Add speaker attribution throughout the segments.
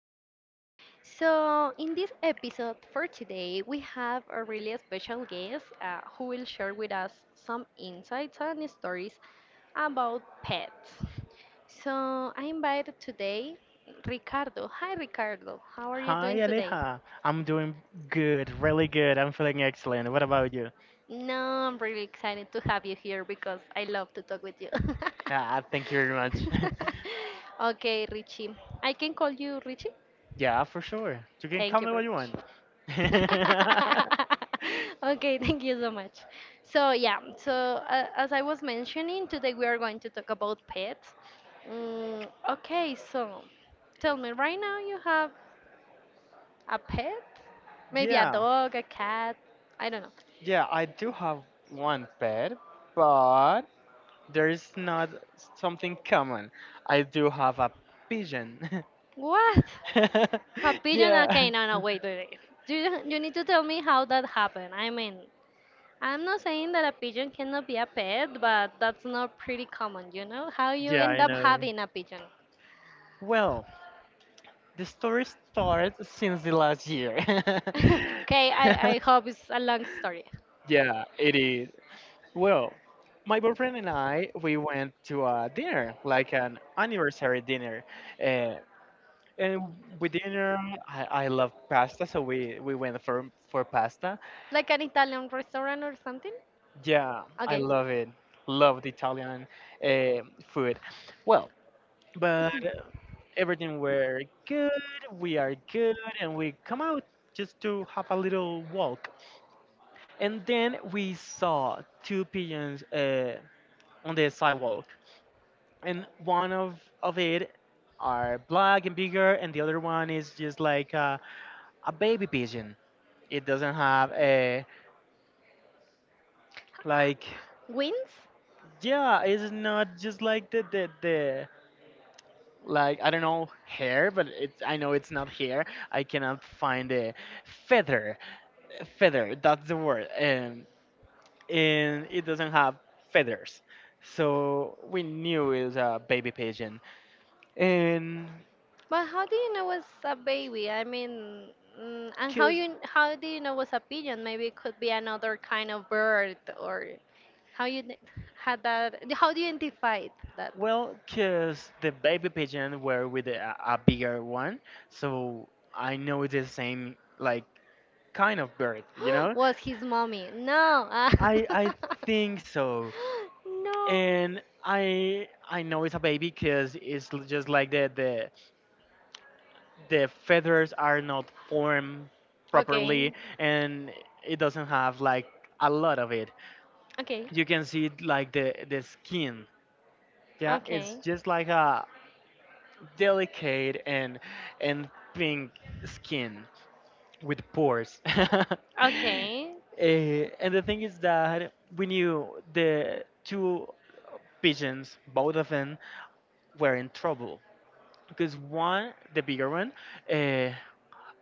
Speaker 1: today. In this episode for today, we have a really special guest who will share with us some insights and stories about pets. So, I invited today Ricardo. Hi, Ricardo. How are you
Speaker 2: Hi,
Speaker 1: doing today?
Speaker 2: Aleja. I'm doing good, really good. I'm feeling excellent. What about you?
Speaker 1: No, I'm really excited to have you here because I love to talk with you.
Speaker 2: Ah, thank you very much.
Speaker 1: Okay, Richie. I can call you Richie?
Speaker 2: Yeah, for sure. You can
Speaker 1: Thank
Speaker 2: call
Speaker 1: you
Speaker 2: me
Speaker 1: very
Speaker 2: what you
Speaker 1: much.
Speaker 2: want.
Speaker 1: Okay, thank you so much. So as I was mentioning, today we are going to talk about pets. Okay, so tell me, right now you have a pet? Maybe a
Speaker 2: yeah,
Speaker 1: dog, a cat? I don't know.
Speaker 2: yeah, I do have one pet, but there is not something common. I do have a pigeon.
Speaker 1: What? Have pigeon?
Speaker 2: yeah,
Speaker 1: Okay, no, no, wait, wait, wait. You need to tell me how that happened? I mean, I'm not saying that a pigeon cannot be a pet, but that's not pretty common, you know? How you
Speaker 2: yeah,
Speaker 1: end
Speaker 2: I
Speaker 1: up
Speaker 2: know.
Speaker 1: having a pigeon?
Speaker 2: Well, the story starts since the last year.
Speaker 1: okay, I hope it's a long story.
Speaker 2: Yeah, it is. Well, my boyfriend and I, we went to a dinner, like an anniversary dinner. Uh, and with dinner, I love pasta, so we went for, pasta.
Speaker 1: Like an Italian restaurant or something?
Speaker 2: Yeah, I
Speaker 1: Okay.
Speaker 2: love it. Love the Italian uh, food. Well, but everything were good, we are good, and we come out just to have a little walk. And then we saw two pigeons on the sidewalk, and one of it are black and bigger, and the other one is just like a baby pigeon. It doesn't have a, like
Speaker 1: Wings?
Speaker 2: yeah, it's not just like the like, I don't know, hair, but it's, I know, it's not hair. I cannot find a feather feather, that's the word. And it doesn't have feathers, so we knew it was a baby pigeon. And
Speaker 1: But how do you know was a baby? I mean, and
Speaker 2: 'cause-
Speaker 1: how do you know was a pigeon? Maybe it could be another kind of bird, or how you kn- had that? How do you identify it? That
Speaker 2: well, because the baby pigeon were with a bigger one, so I know it's the same like kind of bird, you know?
Speaker 1: was his mommy. No. ah.
Speaker 2: I think so,
Speaker 1: No.
Speaker 2: and I know it's a baby because it's just like the feathers are not formed properly,
Speaker 1: Okay.
Speaker 2: and it doesn't have like a lot of it.
Speaker 1: Okay.
Speaker 2: You can see like the skin. Yeah, it's
Speaker 1: Okay.
Speaker 2: just like a delicate and pink skin with pores.
Speaker 1: Okay.
Speaker 2: Eh, and the thing is that we knew the two pigeons, both of them, were in trouble because one, the bigger one, uh,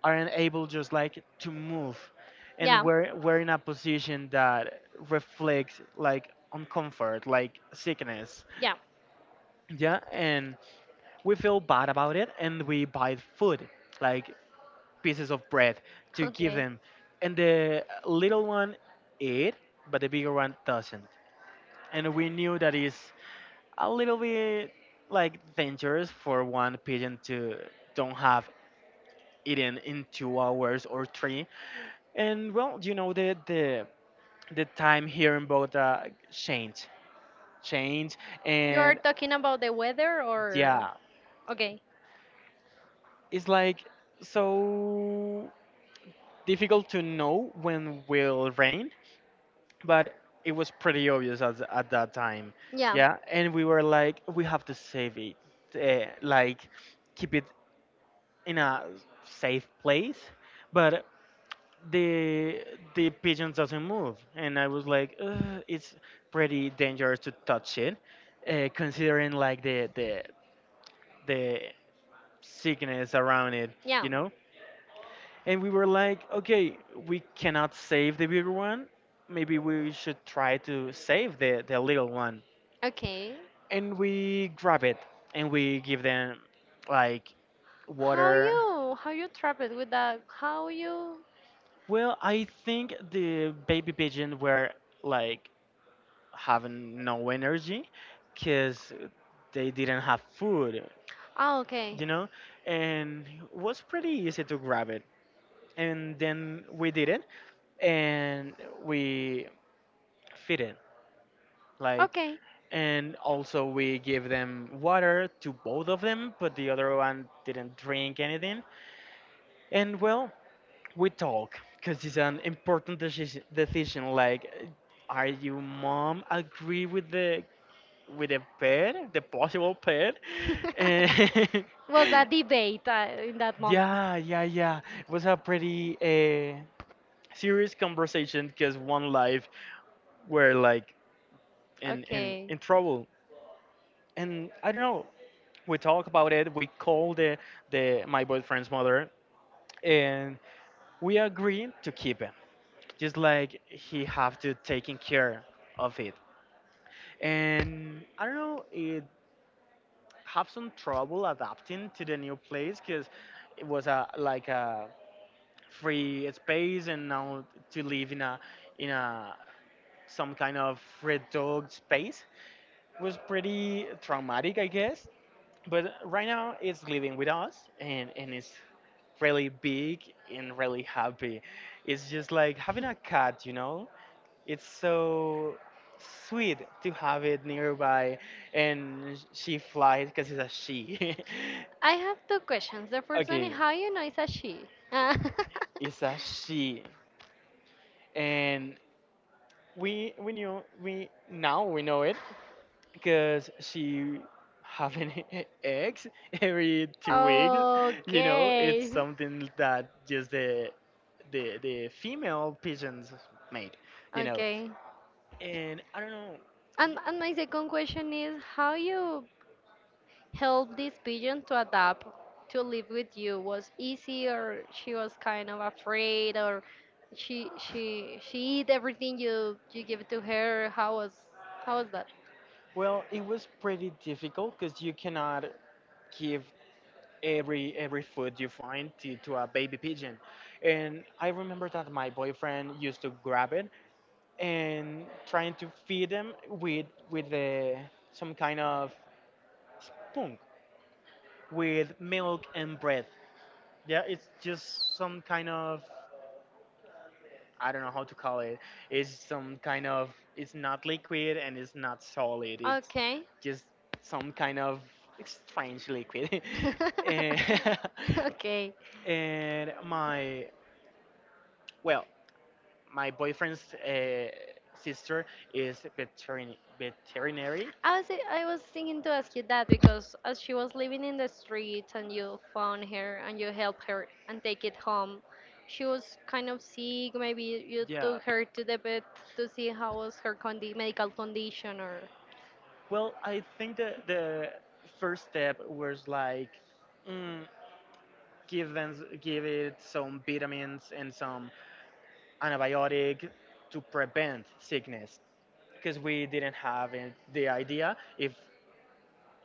Speaker 2: aren't able just like to move, and
Speaker 1: Yeah.
Speaker 2: we're in a position that reflects like uncomfort, like sickness.
Speaker 1: Yeah.
Speaker 2: Yeah, and we feel bad about it, and we buy food. Like pieces of bread to give
Speaker 1: Okay.
Speaker 2: them. And the little one ate, but the bigger one doesn't. And we knew that is a little bit like dangerous for one pigeon to don't have eaten in 2 hours or three. And well, you know, the time here in Bogota changed, changed,
Speaker 1: You're
Speaker 2: and
Speaker 1: talking about the weather or.
Speaker 2: yeah,
Speaker 1: Okay.
Speaker 2: it's like so difficult to know when will rain, but it was pretty obvious as, at that time,
Speaker 1: Yeah.
Speaker 2: yeah. And we were like, we have to save it, like keep it in a safe place, but the the pigeons doesn't move, and I was like, ugh, it's pretty dangerous to touch it, considering like the sickness around it,
Speaker 1: Yeah.
Speaker 2: you know. And we were like, okay, we cannot save the bigger one, maybe we should try to save the little one.
Speaker 1: Okay.
Speaker 2: And we grab it and we give them like water.
Speaker 1: How you traveled with that? How you?
Speaker 2: Well, I think the baby pigeon were like having no energy because they didn't have food,
Speaker 1: Ah, okay.
Speaker 2: you know, and it was pretty easy to grab it. And then we did it, and we feed it like,
Speaker 1: Okay.
Speaker 2: and also we give them water to both of them, but the other one didn't drink anything. And well, we talk because it's an important decision, like, are you mom agree with the, with the pet, the possible pet? And
Speaker 1: Was a debate in that moment.
Speaker 2: yeah, it was a pretty serious conversation because one life were like in
Speaker 1: Okay.
Speaker 2: trouble. And I don't know, we talk about it, we call the, my boyfriend's mother, and we agree to keep him. Just like he have to taking care of it. And I don't know, it have some trouble adapting to the new place because it was a like a free space, and now to live in a, in a some kind of reduced space was pretty traumatic, I guess. But right now it's living with us, and it's really big and really happy. It's just like having a cat, you know, it's so sweet to have it nearby. And she flies because it's a she.
Speaker 1: I have two questions. The first one is
Speaker 2: Okay,
Speaker 1: how you know it's a she.
Speaker 2: it's a she, and we knew, we now we know it because she having eggs every 2 weeks. You know, it's
Speaker 1: Okay.
Speaker 2: something that just the female pigeons made, you know.
Speaker 1: Okay.
Speaker 2: And I don't know.
Speaker 1: And my second question is how you help this pigeon to adapt to live with you? Was easy or she was kind of afraid or she eat everything you give to her? How was that?
Speaker 2: Well, it was pretty difficult because you cannot give every food you find to, a baby pigeon. And I remember that my boyfriend used to grab it and trying to feed him with the some kind of spoon with milk and bread. Yeah, it's just some kind of, I don't know how to call it. It's some kind of, it's not liquid and it's not solid. It's
Speaker 1: Okay.
Speaker 2: just some kind of strange liquid. and,
Speaker 1: okay.
Speaker 2: and my, well, my boyfriend's sister is veterinary.
Speaker 1: I was I was thinking to ask you that because as she was living in the streets and you found her and you helped her and take it home, she was kind of sick. Maybe you
Speaker 2: Yeah.
Speaker 1: took her to the vet to see how was her condi medical condition or.
Speaker 2: Well, I think that the first step was like, mm, give them, give it some vitamins and some antibiotic to prevent sickness because we didn't have it, the idea if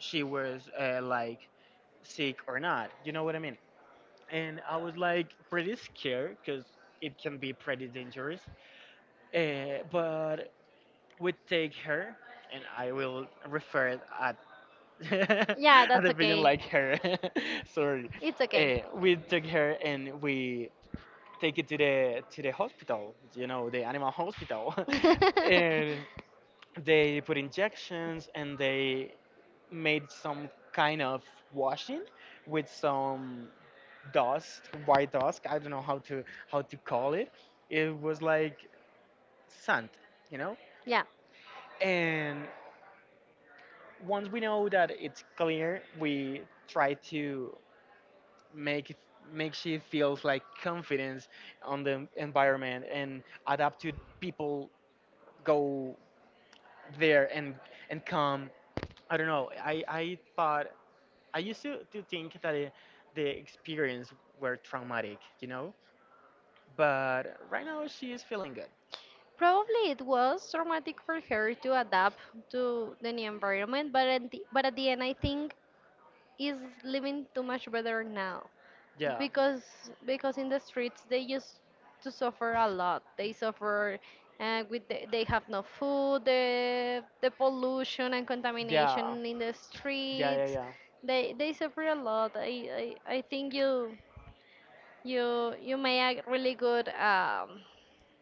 Speaker 2: she was, like sick or not. You know what I mean? And I was like pretty scared because it can be pretty dangerous. But we take her, and I will refer it at
Speaker 1: Yeah,
Speaker 2: at
Speaker 1: that's
Speaker 2: the pigeon
Speaker 1: okay.
Speaker 2: like her. Sorry.
Speaker 1: It's okay.
Speaker 2: We took her and we take it to the, to the hospital. You know, the animal hospital, and they put injections and they made some kind of washing with some, dust, white dust. I don't know how to, call it. It was like sand, you know.
Speaker 1: Yeah.
Speaker 2: And once we know that it's clear, we try to make make she feels like confidence on the environment and adapt to people go there and come. I don't know. I thought, I used to, think that it, the experience were traumatic, you know. But right now she is feeling good.
Speaker 1: Probably it was traumatic for her to adapt to the new environment, but but at the end, I think is living too much better now,
Speaker 2: Yeah,
Speaker 1: because because in the streets they used to suffer a lot. They suffer with they have no food, the pollution and
Speaker 2: Yeah,
Speaker 1: contamination in the
Speaker 2: yeah, yeah,
Speaker 1: streets.
Speaker 2: yeah.
Speaker 1: They suffer a lot. I think you you made a really good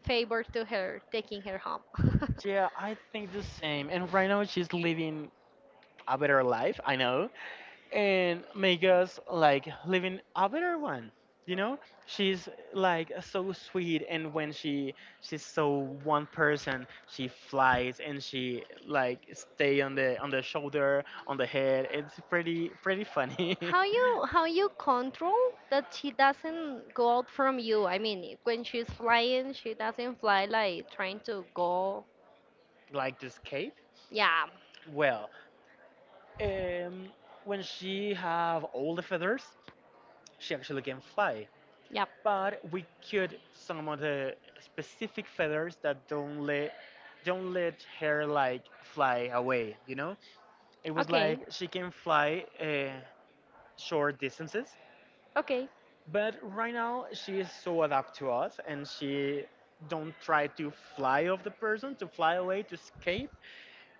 Speaker 1: favor to her, taking her home.
Speaker 2: Yeah, I think the same. And right now she's living a better life, I know, and make us like living a better one. You know, she's like so sweet, and when she, she's so one person, she flies and she like stay on the, on the shoulder, on the head. It's pretty pretty funny.
Speaker 1: How you control that she doesn't go out from you? I mean, when she's flying, she doesn't fly like trying to go.
Speaker 2: Like to escape?
Speaker 1: Yeah.
Speaker 2: Well, Um, when she have all the feathers, she actually can fly.
Speaker 1: Yep.
Speaker 2: But we cut some of the specific feathers that don't let her like fly away. You know, it was like
Speaker 1: Okay.
Speaker 2: she can fly, short distances,
Speaker 1: Okay.
Speaker 2: but right now she is so adapt to us and she don't try to fly off the person, to fly away, to escape.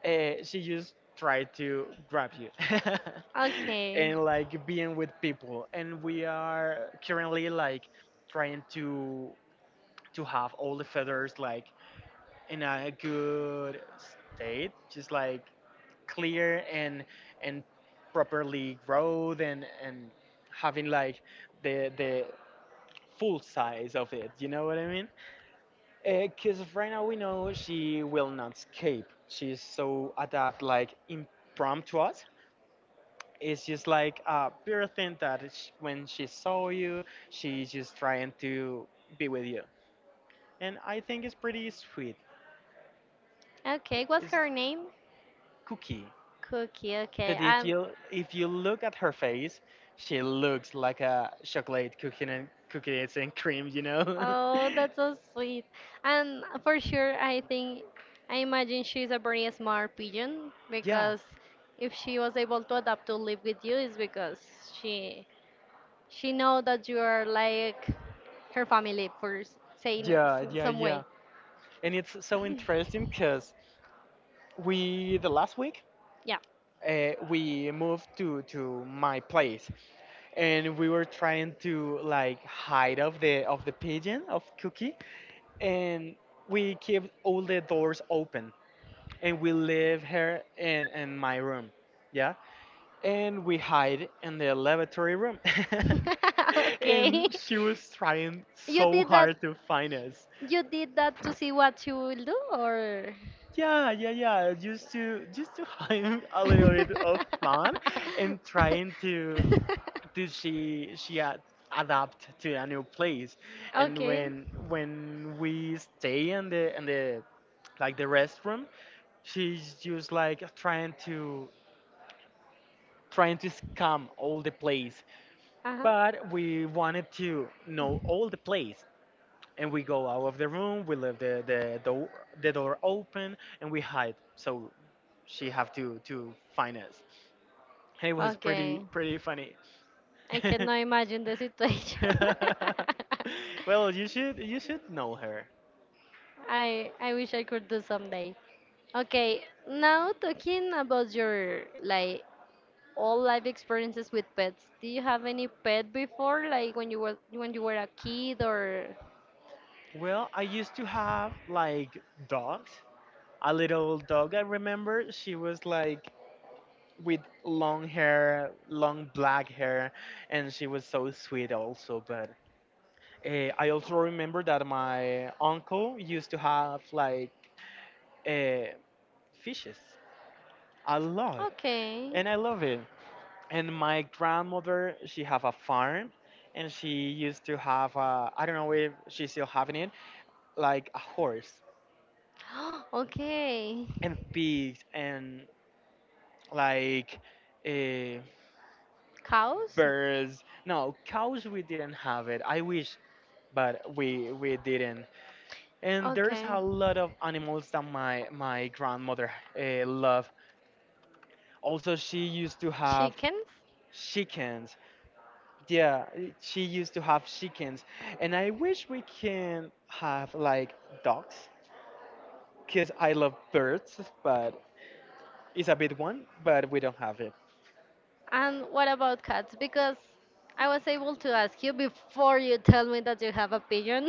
Speaker 2: She just tried to grab you.
Speaker 1: Okay.
Speaker 2: And like being with people. And we are currently like trying to, have all the feathers like in a good state, just like clear and and properly growed, and having like the full size of it, you know what I mean? Because right now we know she will not escape, she's so adept like impromptu. It's just like a pure thing that when she saw you, she's just trying to be with you. And I think it's pretty sweet.
Speaker 1: Okay,
Speaker 2: It-
Speaker 1: what's
Speaker 2: It's
Speaker 1: her name?
Speaker 2: Cookie.
Speaker 1: Cookie, okay.
Speaker 2: Because if
Speaker 1: I'm
Speaker 2: you, look at her face, she looks like a chocolate cookie, and cookies and cream, you know?
Speaker 1: Oh, that's so sweet. And for sure, I think, I imagine she's a very smart pigeon
Speaker 2: yeah,
Speaker 1: because if she was able to adapt to live with you, it's because she She know that you are like her family for saying it
Speaker 2: yeah, yeah,
Speaker 1: some way.
Speaker 2: yeah. And it's so interesting because we, the last week,
Speaker 1: Yeah.
Speaker 2: we moved to, my place, and we were trying to like hide of the, of the pigeon, of Cookie. And we kept all the doors open, and we leave her in, my room, yeah. And we hide in the lavatory room.
Speaker 1: okay.
Speaker 2: And she was trying
Speaker 1: You
Speaker 2: so
Speaker 1: did that.
Speaker 2: hard to find us.
Speaker 1: You did that to see what she will do, or?
Speaker 2: Yeah, just to, have a little bit of fun and trying to, did she adapt to a new place. And
Speaker 1: Okay.
Speaker 2: when, we stay in the, like the restroom, she's just like trying to, scam all the place.
Speaker 1: Uh-huh.
Speaker 2: But we wanted to know all the place, and we go out of the room, we leave the door, open, and we hide, so she have to, find us. And it was pretty
Speaker 1: Okay.
Speaker 2: pretty funny.
Speaker 1: I cannot imagine the situation.
Speaker 2: Well, you should, know her.
Speaker 1: I wish I could do someday. Okay, now talking about your like all life experiences with pets. Do you have any pet before, like when you were a kid or?
Speaker 2: Well, I used to have like dogs. A little dog I remember. She was like with long hair, long black hair, and she was so sweet also. But I also remember that my uncle used to have like, uh, fishes, a lot,
Speaker 1: Okay.
Speaker 2: and I love it. And my grandmother, she have a farm, and she used to have a, I don't know if she's still having it, like a horse
Speaker 1: Okay.
Speaker 2: and pigs and like uh,
Speaker 1: Cows?
Speaker 2: birds. No cows, we didn't have it. I wish, but we didn't. And there's
Speaker 1: Okay.
Speaker 2: a lot of animals that my grandmother loved. Also she used to have
Speaker 1: Chickens?
Speaker 2: chickens. Yeah, she used to have chickens, and I wish we can have like dogs, cause I love birds, but it's a big one, but we don't have it.
Speaker 1: And what about cats? Because I was able to ask you before you tell me that you have a pigeon.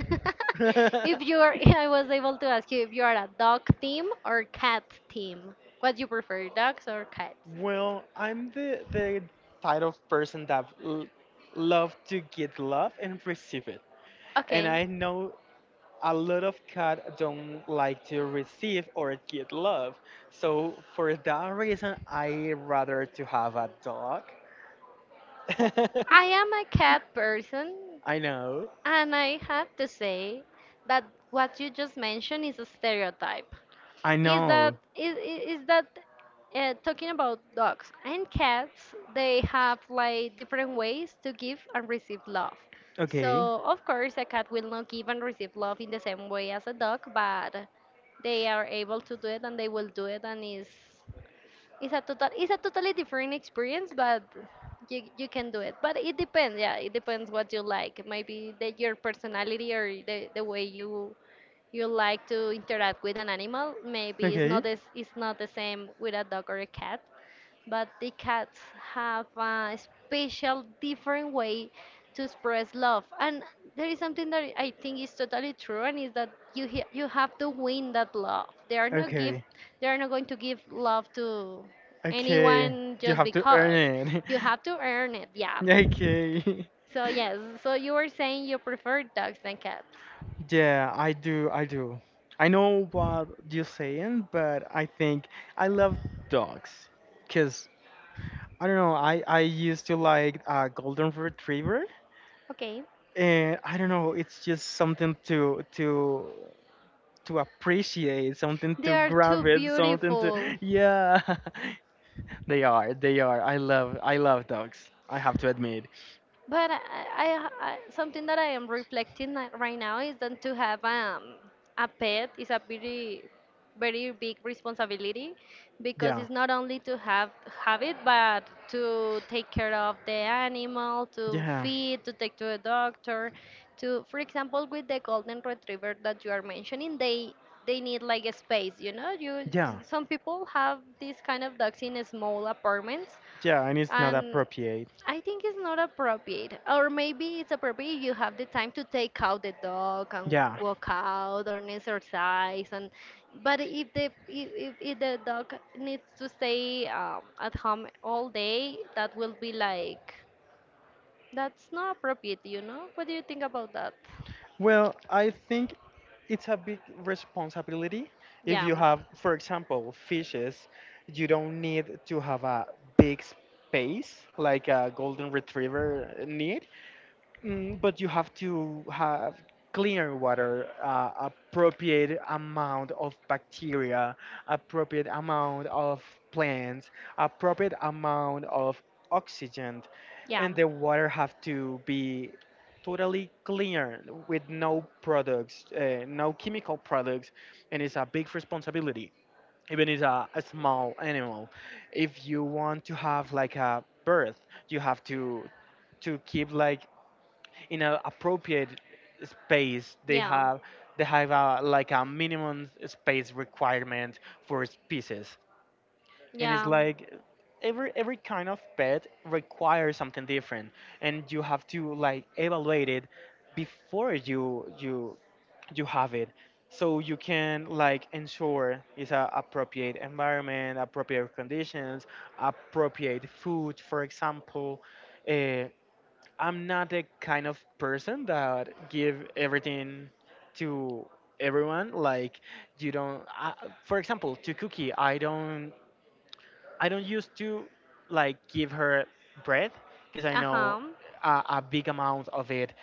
Speaker 1: if you are, I was able to ask you if you are a dog team or cat team. What do you prefer, dogs or cats?
Speaker 2: Well, I'm the type of person that love to get love and receive it, and
Speaker 1: Okay.
Speaker 2: I know a lot of cat don't like to receive or get love. So for that reason, I rather to have a dog.
Speaker 1: I am a cat person,
Speaker 2: I know.
Speaker 1: and I have to say that what you just mentioned is a stereotype.
Speaker 2: I
Speaker 1: Is that
Speaker 2: know.
Speaker 1: is That talking about dogs and cats, they have like different ways to give and receive love.
Speaker 2: Okay.
Speaker 1: So of course a cat will not give and receive love in the same way as a dog, but they are able to do it and they will do it. And is it's a total it's a totally different experience, but you can do it, but it depends. Yeah, it depends what you like, maybe that your personality or the way you like to interact with an animal. Maybe it's not
Speaker 2: Okay.
Speaker 1: as it's not the same with a dog or a cat, but the cats have a special, different way to express love. And there is something that I think is totally true, and is that you have to win that love.
Speaker 2: Okay.
Speaker 1: They are not going to give love to
Speaker 2: Okay.
Speaker 1: anyone
Speaker 2: You
Speaker 1: just
Speaker 2: have to earn
Speaker 1: because.
Speaker 2: it.
Speaker 1: You have to earn it. Yeah.
Speaker 2: Okay.
Speaker 1: So yes. So you were saying you prefer dogs than cats.
Speaker 2: Yeah, I do. I do. I know what you're saying, but I think I love dogs. Cause I don't know. I used to like a golden retriever,
Speaker 1: Okay.
Speaker 2: and I don't know. It's just something to appreciate, something
Speaker 1: They
Speaker 2: to
Speaker 1: are too
Speaker 2: grab it, something to
Speaker 1: beautiful.
Speaker 2: yeah. They are, they are. I love dogs. I have to admit.
Speaker 1: But I, Something that I am reflecting like right now is that to have a pet is a very, very big responsibility because
Speaker 2: Yeah,
Speaker 1: it's not only to have it, but to take care of the animal, to
Speaker 2: yeah,
Speaker 1: feed, to take to a doctor, to, for example, with the golden retriever that you are mentioning, they need like a space, you know. You
Speaker 2: yeah,
Speaker 1: Some people have these kind of dogs in small apartments,
Speaker 2: yeah. And it's not
Speaker 1: and
Speaker 2: appropriate.
Speaker 1: I think it's not appropriate, or maybe it's appropriate if you have the time to take out the dog and
Speaker 2: Yeah.
Speaker 1: walk out or an exercise. And but if the dog needs to stay at home all day, that will be like that's not appropriate, you know. What do you think about that?
Speaker 2: Well, I think it's a big responsibility. If
Speaker 1: Yeah,
Speaker 2: you have, for example, fishes, you don't need to have a big space like a golden retriever need. Mm, but you have to have clear water, appropriate amount of bacteria, appropriate amount of plants, appropriate amount of oxygen,
Speaker 1: yeah,
Speaker 2: and the water have to be totally clear with no products, no chemical products, and it's a big responsibility. Even it's a small animal, if you want to have like a birth, you have to keep like in an appropriate space,
Speaker 1: yeah,
Speaker 2: they have a, like a minimum space requirement for species. And it's
Speaker 1: yeah.
Speaker 2: like every kind of pet requires something different, and you have to like evaluate it before you have it, so you can like ensure it's a appropriate environment, appropriate conditions, appropriate food, for example. uh, I'm not the kind of person that give everything to everyone. Like you don't, I, for example, to Cookie, I don't used to like give her bread, because I
Speaker 1: Uh
Speaker 2: know
Speaker 1: huh.
Speaker 2: a big amount of it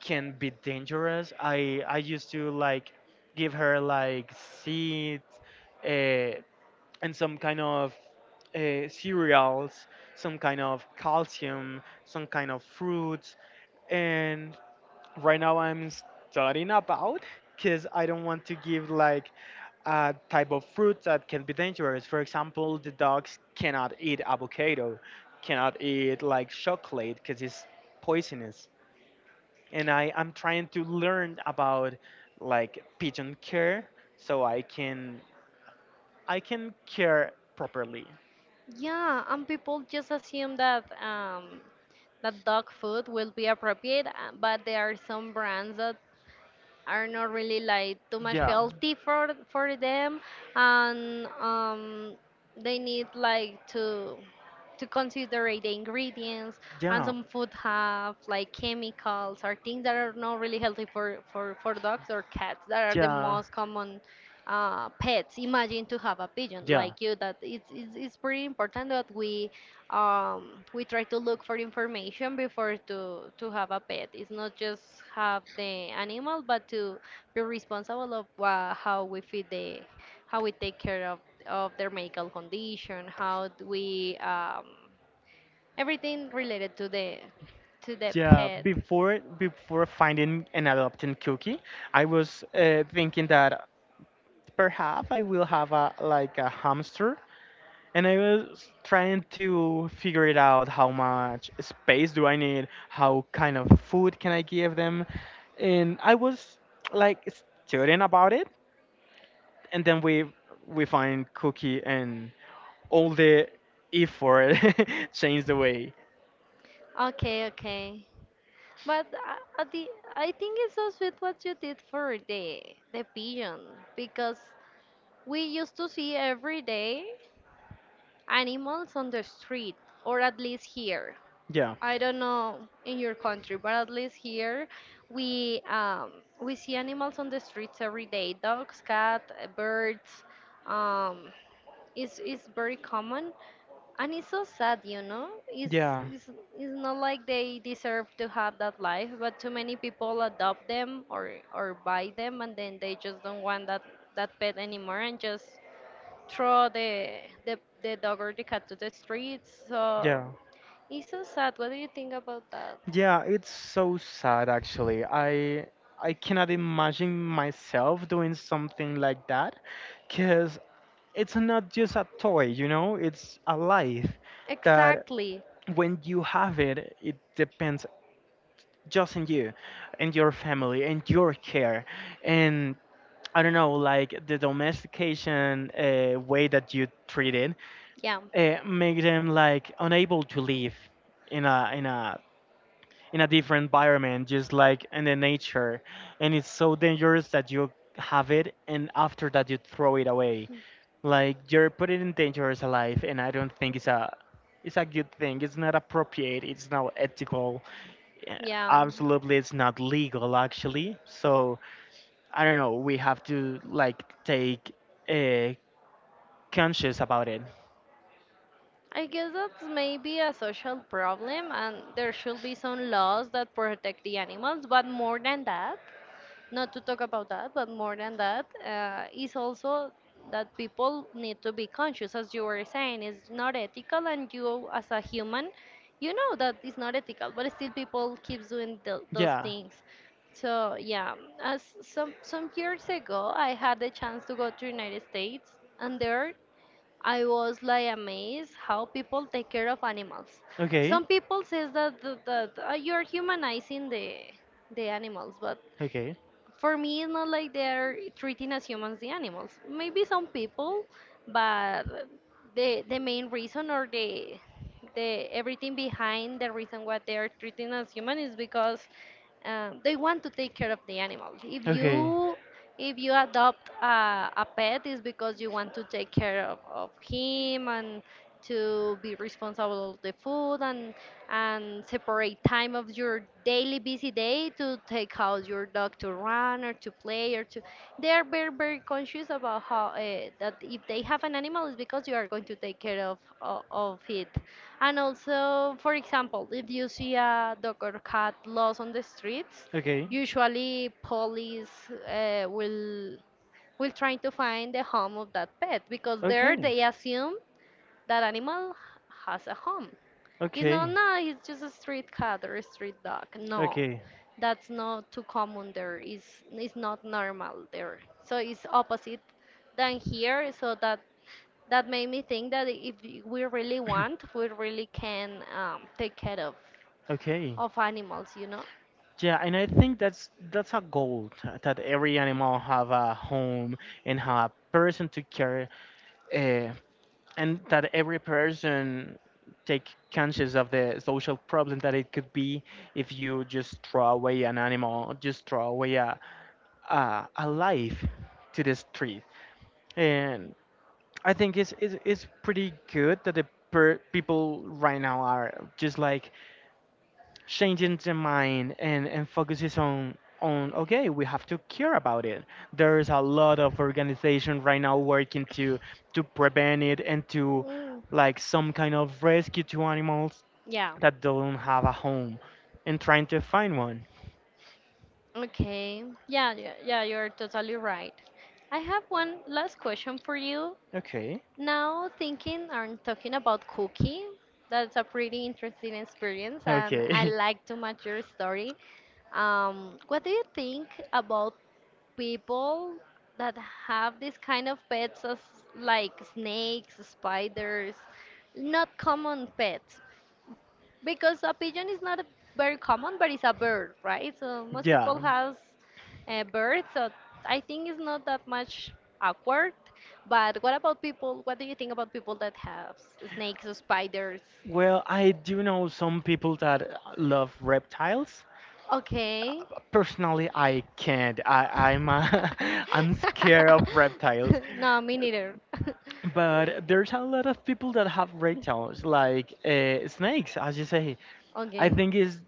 Speaker 2: can be dangerous. I used to like give her like seeds, uh, and some kind of cereals, some kind of calcium, some kind of fruits, and right now I'm studying about, because I don't want to give like a type of fruit that can be dangerous. For example, the dogs cannot eat avocado, cannot eat like chocolate because it's poisonous. And I am trying to learn about like pigeon care, so I can care properly.
Speaker 1: Yeah, and people just assume that that dog food will be appropriate, but there are some brands that are not really like too much
Speaker 2: Yeah.
Speaker 1: healthy for them, and they need like to consider the ingredients, and
Speaker 2: Yeah.
Speaker 1: some food have like chemicals or things that are not really healthy for for dogs or cats that are the
Speaker 2: Yeah.
Speaker 1: most common pets. Imagine to have a pigeon
Speaker 2: Yeah.
Speaker 1: like you, that it's pretty important that we try to look for information before to have a pet. It's not just have the animal, but to be responsible of how we feed how we take care of their medical condition, how do we everything related to the
Speaker 2: Yeah,
Speaker 1: pet.
Speaker 2: before finding and adopting Cookie, I was thinking that perhaps I will have a like a hamster, and I was trying to figure it out how much space do I need, how kind of food can I give them, and I was like studying about it, and then we find Cookie, and all the effort changed the way.
Speaker 1: Okay, okay. But I think it's so sweet what you did for the pigeon, because we used to see every day animals on the street, or at least here.
Speaker 2: Yeah,
Speaker 1: I don't know in your country, but at least here we um, we see animals on the streets every day. Dogs, cat, birds. Um, it's very common, and it's so sad, you know.
Speaker 2: yeah,
Speaker 1: It's it's not like they deserve to have that life, but too many people adopt them or buy them, and then they just don't want that that pet anymore and just throw the dog or the cat to the streets. So
Speaker 2: yeah,
Speaker 1: it's so sad. What do you think about that?
Speaker 2: yeah. It's so sad actually. I cannot imagine myself doing something like that, because it's not just a toy, you know, it's a life that
Speaker 1: Exactly.
Speaker 2: when you have it, it depends just on you and your family and your care. And I don't know, like the domestication way that you treat it,
Speaker 1: Yeah.
Speaker 2: make them like unable to live in a in a in a different environment, just like in the nature. And it's so dangerous that you have it and after that you throw it away. Like you're putting in danger as a life, and I don't think it's a good thing. It's not appropriate. It's not ethical. eh,
Speaker 1: Yeah.
Speaker 2: Absolutely, it's not legal actually. So I don't know. We have to like take uh, conscious about it.
Speaker 1: I guess that's maybe a social problem, and there should be some laws that protect the animals, but more than that, not to talk about that, but more than that, is also that people need to be conscious, as you were saying, it's not ethical, and you, as a human, you know that it's not ethical, but still people keep doing th those
Speaker 2: Yeah.
Speaker 1: things. So yeah, as some years ago, I had the chance to go to United States, and there I was like amazed how people take care of animals.
Speaker 2: Okay.
Speaker 1: Some people says that that you're humanizing the animals, but
Speaker 2: Okay.
Speaker 1: for me it's not like they're treating as humans the animals, maybe some people, but the main reason or the everything behind the reason what they're treating as human is because they want to take care of the animal. If
Speaker 2: Okay.
Speaker 1: you if you adopt a pet, it's because you want to take care of him and to be responsible of the food and separate time of your daily busy day to take out your dog to run or to play or to they are very very conscious about how that if they have an animal it's because you are going to take care of it. And also, for example, if you see a dog or cat lost on the streets,
Speaker 2: Okay.
Speaker 1: usually police uh, will will try to find the home of that pet because there
Speaker 2: Okay.
Speaker 1: they assume that animal has a home. You know,
Speaker 2: Okay.
Speaker 1: no, he's just a street cat or a street dog. No,
Speaker 2: Okay.
Speaker 1: that's not too common there. It's not normal there. So it's opposite than here. So that made me think that if we really want, we really can take care
Speaker 2: Okay.
Speaker 1: of animals. You know.
Speaker 2: Yeah, and I think that's a goal that every animal have a home and have a person to care, uh, and that every person take conscious of the social problem that it could be if you just throw away an animal, just throw away a life to the street. And I think it's pretty good that the people right now are just like changing the mind and focuses on okay we have to care about it. There's a lot of organization right now working to prevent it, and to
Speaker 1: Mm.
Speaker 2: like some kind of rescue to animals
Speaker 1: Yeah.
Speaker 2: that don't have a home and trying to find one.
Speaker 1: Okay. Yeah, yeah, yeah, you're totally right. I have one last question for you.
Speaker 2: Okay.
Speaker 1: Now, thinking and talking about cooking, that's a pretty interesting experience, and I
Speaker 2: Okay.
Speaker 1: like to much your story. What do you think about people that have this kind of pets as like snakes, spiders, not common pets, because a pigeon is not a very common, but it's a bird, right? So most
Speaker 2: Yeah,
Speaker 1: people has a bird, so I think it's not that much awkward. But what about people? What do you think about people that have snakes or spiders?
Speaker 2: well, I do know some people that love reptiles.
Speaker 1: Okay.
Speaker 2: Personally, I can't I'm I'm scared of reptiles,
Speaker 1: No, me neither.
Speaker 2: but there's a lot of people that have great talents, like snakes, as you say. I
Speaker 1: Okay.
Speaker 2: think it's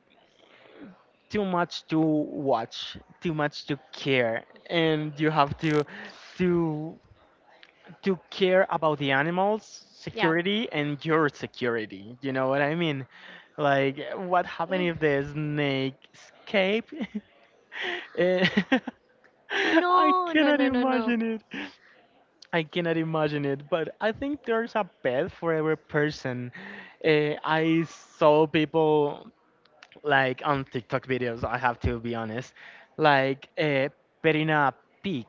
Speaker 2: too much to watch, too much to care, and you have to to care about the animals'
Speaker 1: Yeah.
Speaker 2: security and your security. You know what I mean? Like, what happened
Speaker 1: Mm.
Speaker 2: if the snake escape? Eh, I
Speaker 1: No, no,
Speaker 2: cannot
Speaker 1: no, no, no.
Speaker 2: imagine it. I cannot imagine it, but I think there's a bed for every person. I saw people like on TikTok videos. I have to be honest, like petting a pig,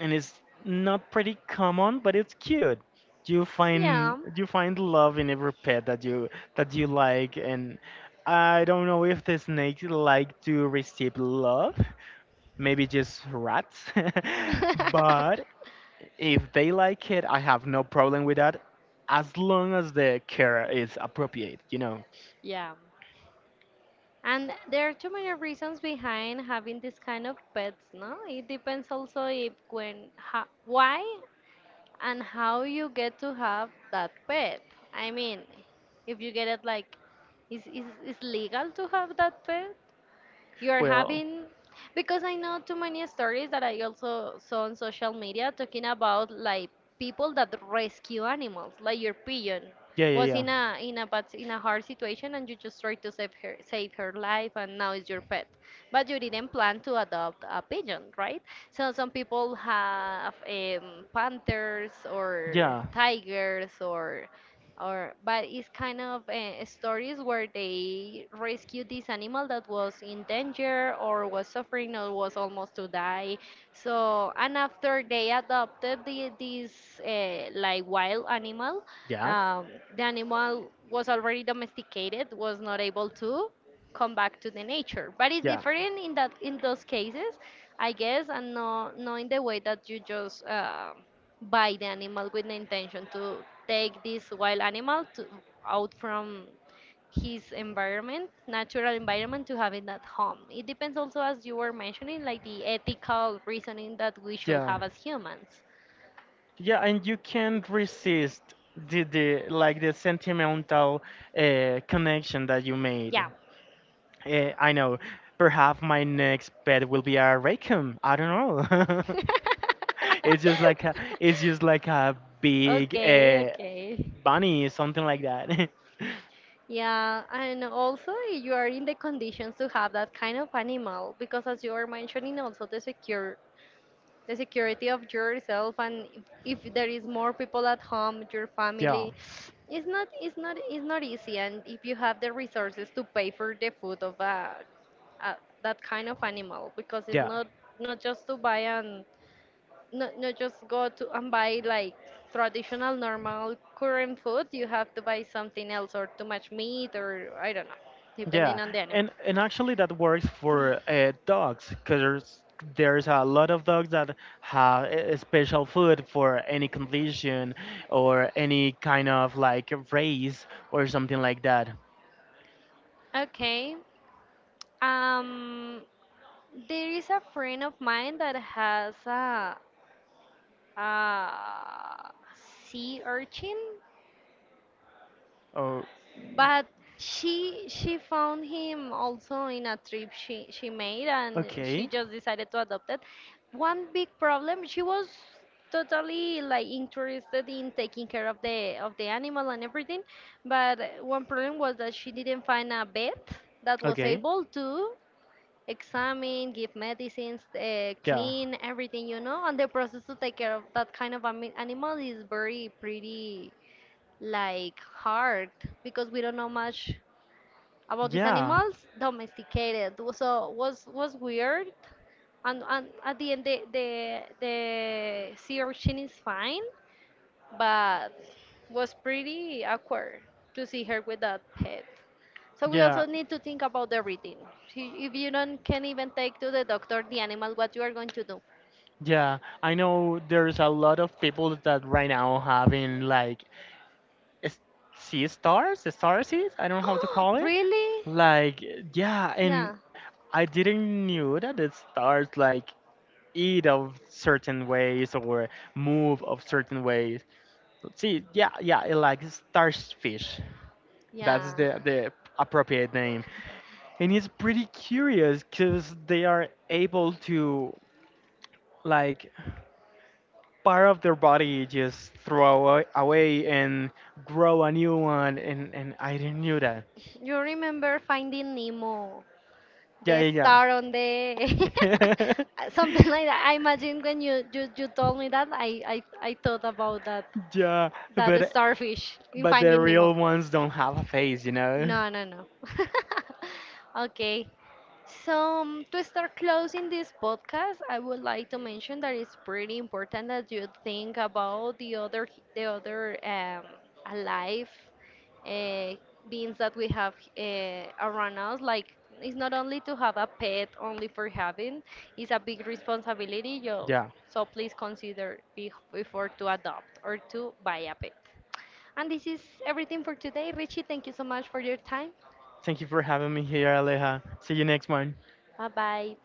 Speaker 2: and it's not pretty common, but it's cute.
Speaker 1: Yeah.
Speaker 2: You find love in every pet that you like, and I don't know if the snakes like to receive love, maybe just rats, but if they like it, I have no problem with that, as long as the care is appropriate, you know.
Speaker 1: Yeah. And there are too many reasons behind having this kind of pets, no? It depends also if when, ha, why and how you get to have that pet. I mean, if you get it like, is legal to have that pet? You are
Speaker 2: Well,
Speaker 1: having because I know too many stories that I also saw on social media talking about like people that rescue animals like your pigeon
Speaker 2: yeah, yeah,
Speaker 1: was
Speaker 2: yeah.
Speaker 1: in a bad in a hard situation, and you just tried to save her, save her life, and now it's your pet, but you didn't plan to adopt a pigeon, right? So some people have panthers or
Speaker 2: Yeah,
Speaker 1: tigers or but it's kind of stories where they rescued this animal that was in danger or was suffering or was almost to die. So and after they adopted this like wild animal,
Speaker 2: yeah,
Speaker 1: um, the animal was already domesticated, was not able to come back to the nature, but it's different in that in those cases, I guess, and not in the way that you just buy the animal with the intention to take this wild animal to, out from his environment, natural environment, to
Speaker 2: yeah.
Speaker 1: have it at home. It depends also, as you were mentioning, like the ethical reasoning that we should
Speaker 2: Yeah,
Speaker 1: have as humans.
Speaker 2: yeah, and you can't resist the like the sentimental connection that you made.
Speaker 1: Yeah.
Speaker 2: I know. Perhaps my next pet will be a raccoon. I don't know. It's just like a, it's just like a big
Speaker 1: Okay, okay.
Speaker 2: bunny, something like that.
Speaker 1: Yeah, and also you are in the conditions to have that kind of animal because, as you were mentioning, also the secure the security of yourself and if there is more people at home your
Speaker 2: Yeah,
Speaker 1: family it's not easy, and if you have the resources to pay for the food of a that kind of animal because it's
Speaker 2: yeah.
Speaker 1: not not just to buy and not just go to and buy like traditional normal current food. You have to buy something else or too much meat or I don't know,
Speaker 2: Yeah,
Speaker 1: depending on the animal.
Speaker 2: and actually that works for dogs, because there's a lot of dogs that have a special food for any condition or any kind of like race or something like that.
Speaker 1: Okay. Um, there is a friend of mine that has a sea urchin,
Speaker 2: Oh,
Speaker 1: but she found him also in a trip she made, and she
Speaker 2: okay,
Speaker 1: just decided to adopt it. One big problem, she was totally like interested in taking care of the animal and everything, but one problem was that she didn't find a vet that was
Speaker 2: okay,
Speaker 1: able to examine, give medicines,
Speaker 2: yeah,
Speaker 1: clean everything, you know, and the process to take care of that kind of animal is very pretty like hard because we don't know much about these
Speaker 2: yeah.
Speaker 1: animals domesticated. So was weird, and at the end the sea urchin is fine, but was pretty awkward to see her with that pet. So we
Speaker 2: Yeah,
Speaker 1: also need to think about everything. See, if you don't can even take to the doctor the animal, what you are going to do?
Speaker 2: yeah. I know there's a lot of people that right now having like s- sea stars, the star seeds, I don't know how to call it.
Speaker 1: Really?
Speaker 2: Like, yeah, and
Speaker 1: Yeah,
Speaker 2: I didn't knew that the stars like eat of certain ways or move of certain ways. See, yeah, yeah, it like starfish.
Speaker 1: yeah.
Speaker 2: That's the appropriate name. And it's pretty curious because they are able to like part of their body just throw away and grow a new one, and I didn't knew that.
Speaker 1: You remember Finding Nemo,
Speaker 2: Yeah,
Speaker 1: the
Speaker 2: yeah,
Speaker 1: star on the
Speaker 2: yeah.
Speaker 1: something like that. I imagine when you told me that, I thought about that
Speaker 2: Yeah,
Speaker 1: that
Speaker 2: but
Speaker 1: starfish in
Speaker 2: but the
Speaker 1: Finding Nemo.
Speaker 2: real ones don't have a face, you know.
Speaker 1: No, no, no. Okay. So, to start closing this podcast, I would like to mention that it's pretty important that you think about the other the other alive uh, beings that we have around us. Like, it's not only to have a pet only for having; it's a big responsibility. You
Speaker 2: Yeah.
Speaker 1: so please consider before to adopt or to buy a pet. And this is everything for today. Richie, thank you so much for your time.
Speaker 2: Thank you for having me here, Aleja. See you next one.
Speaker 1: Bye bye.